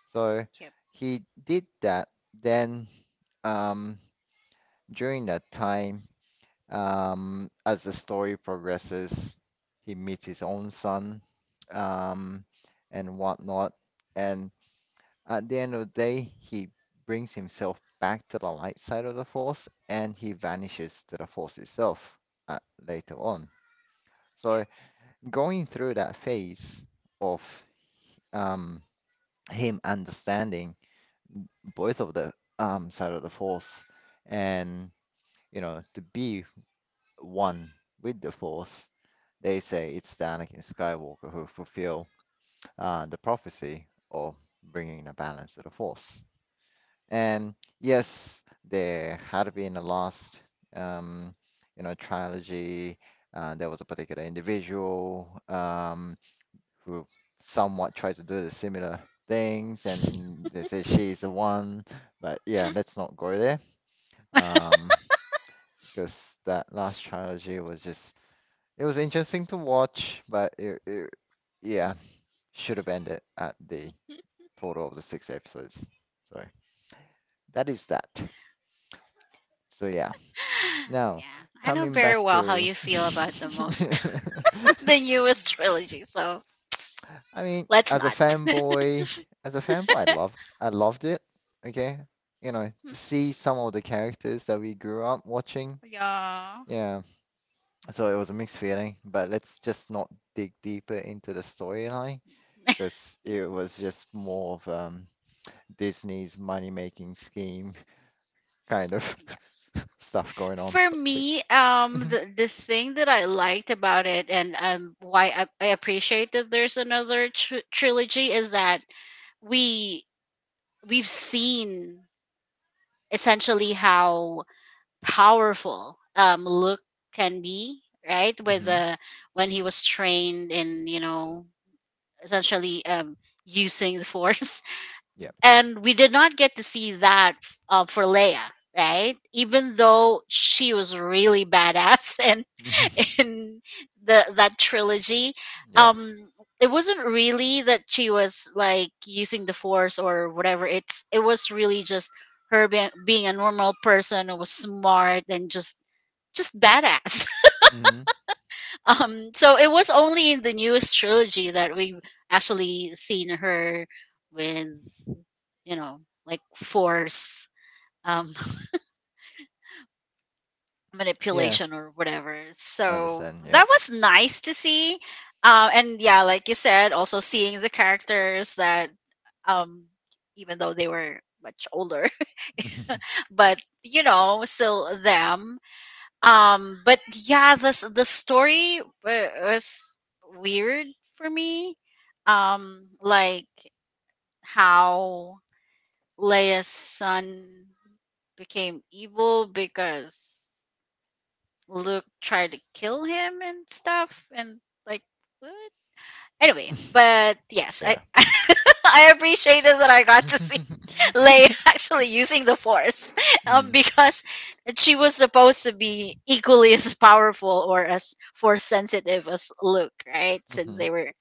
[SPEAKER 2] So
[SPEAKER 1] Yep.
[SPEAKER 2] he did that. Then um, during that time, as the story progresses, he meets his own son um, and whatnot. And at the end of the day, he brings himself back to the light side of the Force and he vanishes to the Force itself uh, later on. So,
[SPEAKER 1] Yep.
[SPEAKER 2] going through that phase of um, him understanding both of the side of the Force and, you know, to be one with the Force, they say it's the Anakin Skywalker who fulfill the prophecy of bringing the balance to the Force. And
[SPEAKER 1] Hmm.
[SPEAKER 2] yes, there had been a lost, um, trilogy. There was a particular individual who somewhat tried to do the similar things, and they say she's the one. But yeah, let's not go there um, because that last trilogy was just it was interesting to watch, but it yeah should have ended at the total of the six episodes. So that is that. So yeah.
[SPEAKER 1] <gasps> <sighs>
[SPEAKER 2] Now,
[SPEAKER 1] Yeah, I know
[SPEAKER 2] coming back
[SPEAKER 1] very well how
[SPEAKER 2] to,
[SPEAKER 1] you
[SPEAKER 2] <laughs>
[SPEAKER 1] feel about the most <laughs> the newest trilogy, so
[SPEAKER 2] I mean,
[SPEAKER 1] let's
[SPEAKER 2] as a
[SPEAKER 1] not.
[SPEAKER 2] fanboy, I loved it. Okay, you know, to
[SPEAKER 1] <laughs>
[SPEAKER 2] see some of the characters that we grew up watching.
[SPEAKER 1] Yeah.
[SPEAKER 2] Yeah, so it was a mixed feeling. But let's just not dig deeper into the storyline because it was just more of Disney's money-making scheme <laughs> kind of
[SPEAKER 1] Yes.
[SPEAKER 2] <laughs> stuff going on.
[SPEAKER 1] For
[SPEAKER 2] But,
[SPEAKER 1] me,
[SPEAKER 2] but
[SPEAKER 1] the thing that I liked about it, and why I appreciate that there's another trilogy, is that we we've seen essentially how powerful, Luke can be, right?
[SPEAKER 2] <laughs>
[SPEAKER 1] With,
[SPEAKER 2] hmm
[SPEAKER 1] when he was trained in, essentially, using the <laughs> Force.
[SPEAKER 2] yeah,
[SPEAKER 1] And we did not get to see that, for Leia, right? Even though she was really badass, and <laughs>
[SPEAKER 2] <laughs>
[SPEAKER 1] in the that trilogy,
[SPEAKER 2] yeah.
[SPEAKER 1] um, it wasn't really that she was like using the Force or whatever. It was really just her being a normal person who was smart and just badass. <laughs>
[SPEAKER 2] hmm
[SPEAKER 1] So it was only in the newest trilogy that we've actually seen her with, like, Force, um <laughs>
[SPEAKER 2] Yeah.
[SPEAKER 1] manipulation or whatever.
[SPEAKER 2] I
[SPEAKER 1] So
[SPEAKER 2] understand, yeah.
[SPEAKER 1] that was nice to see. And yeah, like you said, also seeing the characters that, um even though they were much older, <laughs> but, still them, but yeah, this the story was weird for me, like, how Leia's son became evil because Luke tried to kill him and stuff, and like, what? Anyway,
[SPEAKER 2] <laughs>
[SPEAKER 1] but yes, I
[SPEAKER 2] Yeah.
[SPEAKER 1] <laughs> I appreciated that I got to see <laughs> Leia
[SPEAKER 2] <laughs>
[SPEAKER 1] actually using the Force, <laughs>
[SPEAKER 2] Mm.
[SPEAKER 1] because she was supposed to be equally as powerful, or as Force sensitive, as Luke, right? Since
[SPEAKER 2] Mhm.
[SPEAKER 1] they were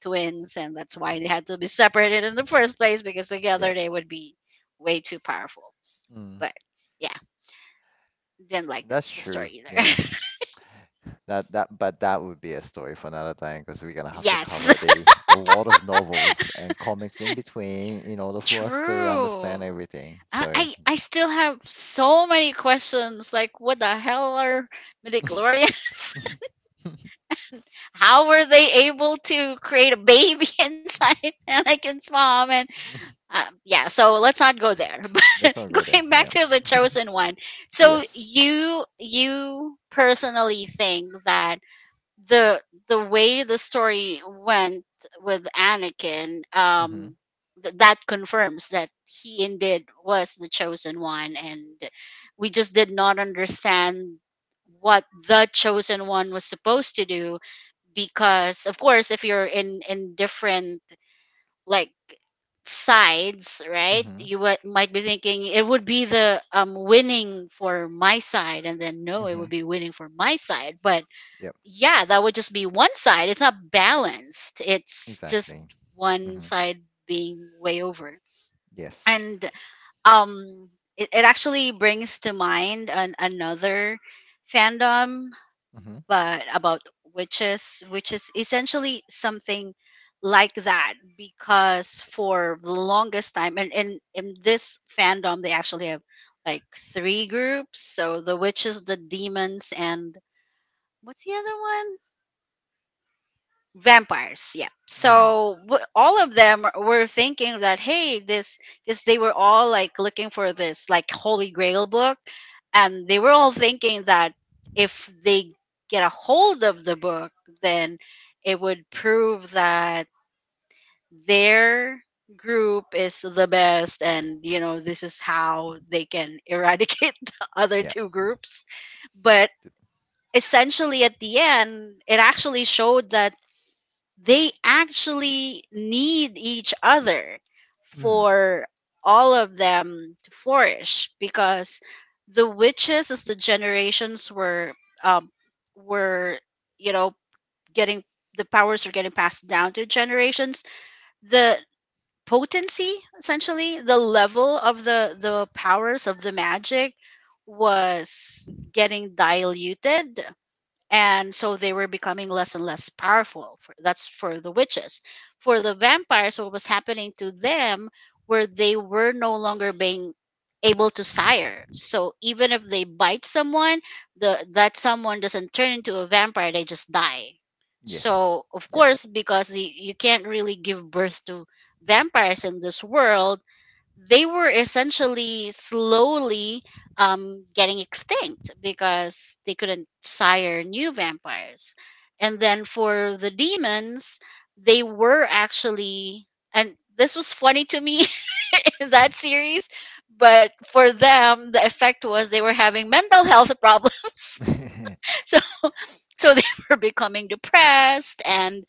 [SPEAKER 1] twins, and that's why they had to be separated in the first place, because together
[SPEAKER 2] Yep.
[SPEAKER 1] they would be way too powerful.
[SPEAKER 2] Mm.
[SPEAKER 1] But yeah, didn't like the,
[SPEAKER 2] That's
[SPEAKER 1] the
[SPEAKER 2] true.
[SPEAKER 1] story either.
[SPEAKER 2] Yeah.
[SPEAKER 1] <laughs>
[SPEAKER 2] That that but that would be a story for another time because we're gonna have to
[SPEAKER 1] Yes,
[SPEAKER 2] cover the a lot of novels and comics in between in order
[SPEAKER 1] <laughs>
[SPEAKER 2] for us to understand
[SPEAKER 1] true.
[SPEAKER 2] everything.
[SPEAKER 1] I
[SPEAKER 2] So
[SPEAKER 1] I I still have so many questions. Like, what the hell are
[SPEAKER 2] <laughs>
[SPEAKER 1] midichlorians? <laughs> How were they able to create a baby <laughs> inside Anakin's mom? And, yeah, so let's not go there. <laughs> But
[SPEAKER 2] let's not go there.
[SPEAKER 1] going back
[SPEAKER 2] Yeah.
[SPEAKER 1] to the
[SPEAKER 2] <laughs>
[SPEAKER 1] chosen one, so
[SPEAKER 2] Yes.
[SPEAKER 1] you personally think that the the way the story went with Anakin,
[SPEAKER 2] Mm-hmm.
[SPEAKER 1] that confirms that he indeed was the chosen one, and we just did not understand what the chosen one was supposed to do. Because of course if you're in different, like, sides, right,
[SPEAKER 2] Mm-hmm.
[SPEAKER 1] you might be thinking it would be the winning for my side, and then no, it
[SPEAKER 2] Mm-hmm.
[SPEAKER 1] would be winning for my side, but
[SPEAKER 2] Yep.
[SPEAKER 1] yeah, that would just be one side. It's not balanced. It's just
[SPEAKER 2] Exactly.
[SPEAKER 1] one
[SPEAKER 2] Mm-hmm.
[SPEAKER 1] side being way over.
[SPEAKER 2] Yes.
[SPEAKER 1] And um, it actually brings to mind another fandom,
[SPEAKER 2] Mm-hmm.
[SPEAKER 1] but about witches, which is essentially something like that. Because for the longest time, and in this fandom, they actually have like three groups. So the witches, the demons, and what's the other one? Vampires, yeah,
[SPEAKER 2] Mm.
[SPEAKER 1] so all of them were thinking that, hey, this, because they were all like looking for this like holy grail book, and they were all thinking that if they get a hold of the book, then it would prove that their group is the best, and, you know, this is how they can eradicate <laughs> the other
[SPEAKER 2] Yeah.
[SPEAKER 1] two groups. But
[SPEAKER 2] Th-
[SPEAKER 1] essentially at the end it actually showed that they actually need each other
[SPEAKER 2] Mm,
[SPEAKER 1] for all of them to flourish. Because the witches, as the generations were um, were, you know, getting, the powers are getting passed down to generations, the potency, essentially the level of the powers of the magic, was getting diluted, and so they were becoming less and less powerful, for, that's for the witches. For the vampires, what was happening to them, where they were no longer being able to sire, so even if they bite someone, the that someone doesn't turn into a vampire, they just die.
[SPEAKER 2] yes.
[SPEAKER 1] So of
[SPEAKER 2] Yep.
[SPEAKER 1] course, because you can't really give birth to vampires in this world, they were essentially slowly getting extinct because they couldn't sire new vampires. And then for the demons, they were actually, and this was funny to me, <laughs> in that series, but for them, the effect was they were having mental health problems.
[SPEAKER 2] <laughs>
[SPEAKER 1] <laughs> So they <laughs> were becoming depressed and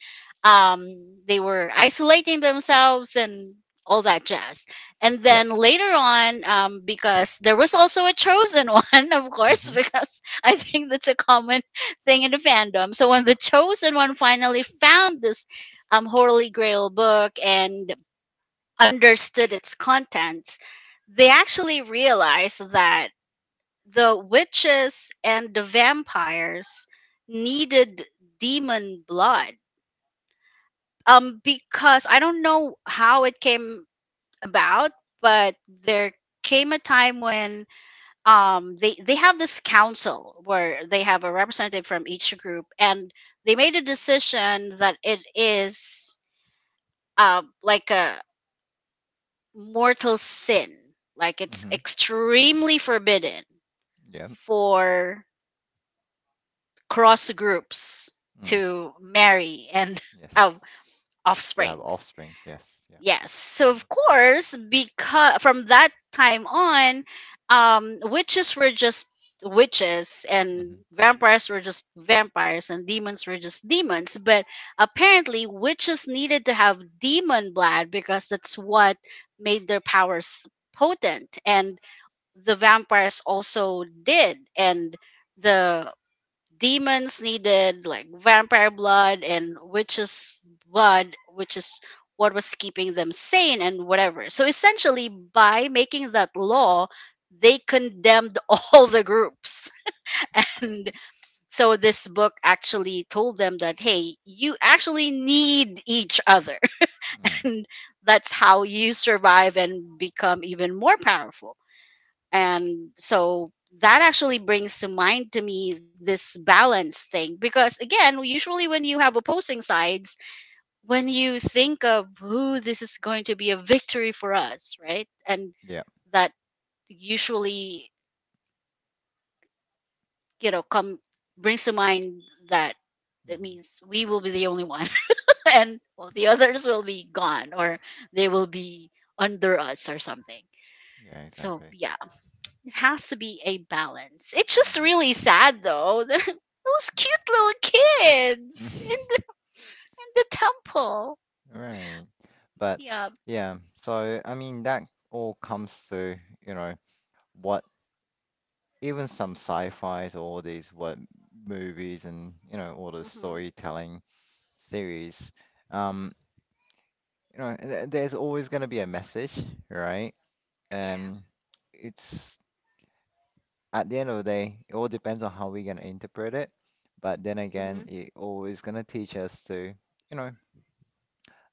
[SPEAKER 1] um, they were isolating themselves and all that jazz. And
[SPEAKER 2] Yep.
[SPEAKER 1] then later on, because there was also a chosen <laughs> one, of course,
[SPEAKER 2] Mm-hmm.
[SPEAKER 1] because I think that's a common thing in the fandom. So when the chosen one finally found this holy grail book and understood its contents, they actually realized that the witches and the vampires needed demon blood. Because I don't know how it came about, but there came a time when they have this council where they have a representative from each group, and they made a decision that it is like a mortal sin, like it's
[SPEAKER 2] Mm-hmm.
[SPEAKER 1] extremely forbidden
[SPEAKER 2] Yep.
[SPEAKER 1] for cross groups
[SPEAKER 2] Mm,
[SPEAKER 1] to marry and <laughs> have
[SPEAKER 2] yes. To have
[SPEAKER 1] offsprings.
[SPEAKER 2] offsprings. Yes. Yep.
[SPEAKER 1] Yes. So
[SPEAKER 2] Mm-hmm.
[SPEAKER 1] of course, because from that time on, witches were just witches, and
[SPEAKER 2] Mm-hmm.
[SPEAKER 1] vampires were just vampires, and demons were just demons. But apparently, witches needed to have demon blood because that's what made their powers potent. And the vampires also did. And the demons needed like vampire blood and witches blood, which is what was keeping them sane and whatever. So essentially by making that law they condemned <laughs> all the groups, <laughs> and so this book actually told them that, hey, you actually need each other,
[SPEAKER 2] Mm,
[SPEAKER 1] <laughs> and that's how you survive and become even more powerful. And so that actually brings to mind to me this balance thing, because again, usually when you have opposing sides, when you think of who, this is going to be a victory for us, right? And
[SPEAKER 2] yep.
[SPEAKER 1] that usually, you know, come brings to mind that it
[SPEAKER 2] Mm-hmm.
[SPEAKER 1] means we will be the only one, <laughs> and, well, the others will be gone, or they will be under us or something.
[SPEAKER 2] Yeah,
[SPEAKER 1] So
[SPEAKER 2] exactly.
[SPEAKER 1] yeah, it has to be a balance. It's just
[SPEAKER 2] Mm-hmm.
[SPEAKER 1] really sad though. <laughs> Those cute little kids in the temple.
[SPEAKER 2] <laughs> Right. But
[SPEAKER 1] Yep.
[SPEAKER 2] yeah, so I mean, that all comes to, you know, what even some sci-fis or all these what movies and, you know, all the
[SPEAKER 1] Hmm.
[SPEAKER 2] storytelling series. Um. You know, there's always going to be a message, right?
[SPEAKER 1] Yeah.
[SPEAKER 2] Um, it's at the end of the day, it all depends on how we're going to interpret it. But then again,
[SPEAKER 1] Hmm.
[SPEAKER 2] it always going to teach us to, you know,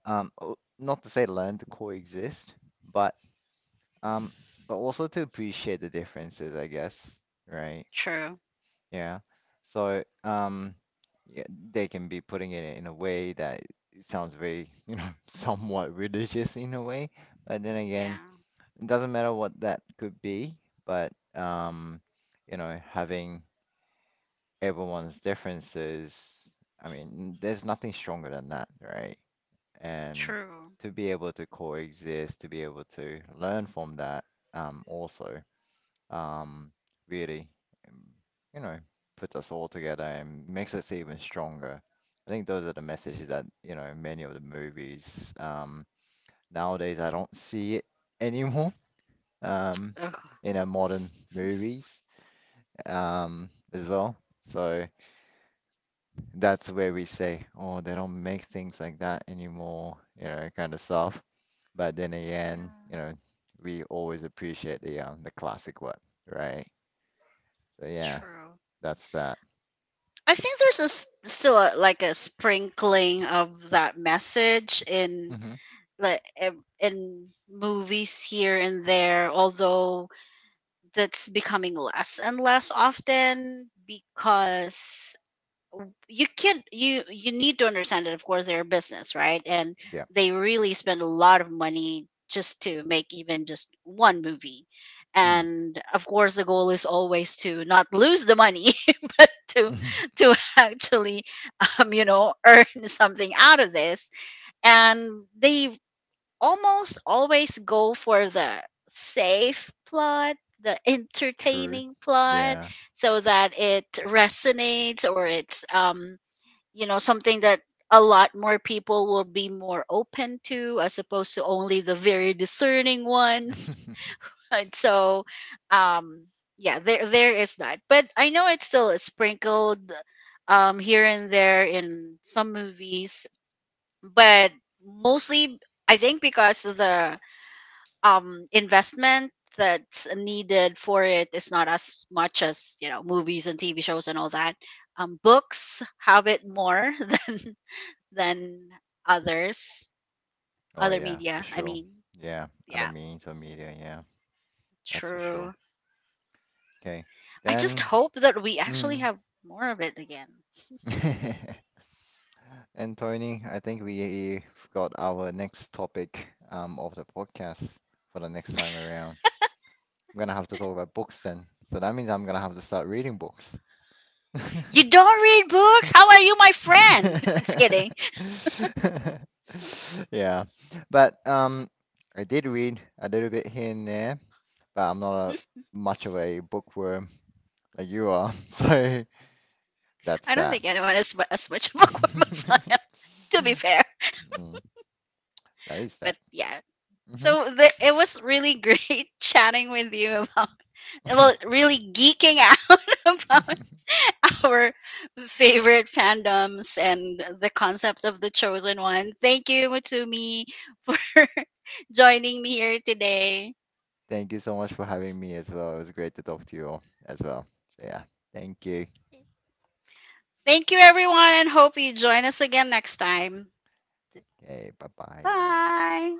[SPEAKER 2] not to say learn to coexist, but um, but also to appreciate the differences, I guess, right?
[SPEAKER 1] True.
[SPEAKER 2] Yeah. So, yeah, they can be putting it in a way that it sounds very, <laughs> you know, somewhat religious in a way, but then again
[SPEAKER 1] Yeah.
[SPEAKER 2] it doesn't matter what that could be, but you know, having everyone's differences, I mean, there's nothing stronger than that, right? And
[SPEAKER 1] True.
[SPEAKER 2] to be able to coexist, to be able to learn from that, um, also, um, really, um, you know, puts us all together and makes us even stronger. I think those are the messages that, you know, many of the movies, nowadays I don't see it <laughs> anymore um,
[SPEAKER 1] Ugh.
[SPEAKER 2] in our modern movies as well. So that's where we say, oh, they don't make things like that anymore, you know, kind of stuff. But then again,
[SPEAKER 1] Yeah.
[SPEAKER 2] you know, we always appreciate the classic one, right? So yeah,
[SPEAKER 1] True.
[SPEAKER 2] that's that.
[SPEAKER 1] I think there's a s still a, like a sprinkling of that message in
[SPEAKER 2] Hmm
[SPEAKER 1] like in movies here and there, although that's becoming less and less often. Because you can't, you need to understand that of course they're a business, right? And
[SPEAKER 2] Yeah.
[SPEAKER 1] they really spend a lot of money just to make even just one movie,
[SPEAKER 2] Mm.
[SPEAKER 1] and of course the goal is always to not lose the money <laughs> but to actually, you know, earn something out of this. And they almost always go for the safe plot, the
[SPEAKER 2] <laughs> True.
[SPEAKER 1] entertaining plot,
[SPEAKER 2] Yeah.
[SPEAKER 1] so that it resonates, or it's you know, something that a lot more people will be more open to, as opposed to only the very discerning ones.
[SPEAKER 2] <laughs>
[SPEAKER 1] <laughs> And so, um yeah, there is that, but I know it's still sprinkled here and there in some movies. But mostly I think because of the investment that's needed for it is not as much as, you know, movies and TV shows and all that. Books have it more <laughs> than than others,
[SPEAKER 2] Oh
[SPEAKER 1] other
[SPEAKER 2] yeah, for
[SPEAKER 1] media. I
[SPEAKER 2] sure.
[SPEAKER 1] mean,
[SPEAKER 2] Yeah, other
[SPEAKER 1] yeah,
[SPEAKER 2] means or media, yeah, that's for sure.
[SPEAKER 1] true.
[SPEAKER 2] Okay.
[SPEAKER 1] I just
[SPEAKER 2] Then,
[SPEAKER 1] hope that we actually
[SPEAKER 2] mm.
[SPEAKER 1] have more of it again.
[SPEAKER 2] <laughs> And Tony, I think we got our next topic of the podcast for the next time around. We're gonna have to talk about books then. So that means I'm gonna have to start reading books.
[SPEAKER 1] You don't read books? How are you, my friend? <laughs> Just kidding.
[SPEAKER 2] <laughs> Yeah. But I did read a little bit here and there, but I'm not a much of a bookworm like you are. <laughs> So that's
[SPEAKER 1] I don't
[SPEAKER 2] that.
[SPEAKER 1] think anyone is as much <laughs> of a Cormus
[SPEAKER 2] <laughs>
[SPEAKER 1] I am. To be fair.
[SPEAKER 2] Mm, that is
[SPEAKER 1] But
[SPEAKER 2] that.
[SPEAKER 1] yeah. So it was really great <laughs> chatting with you about, well, really geeking out <laughs> about
[SPEAKER 2] Hmm <laughs>
[SPEAKER 1] our favorite fandoms and the concept of the chosen one. Thank you, Mutumi, <laughs> for joining me here today.
[SPEAKER 2] Thank you so much for having me as well. It was great to talk to you all as well. So yeah, thank you.
[SPEAKER 1] Thank you, everyone, and hope you join us again next time.
[SPEAKER 2] Okay, bye bye.
[SPEAKER 1] Bye.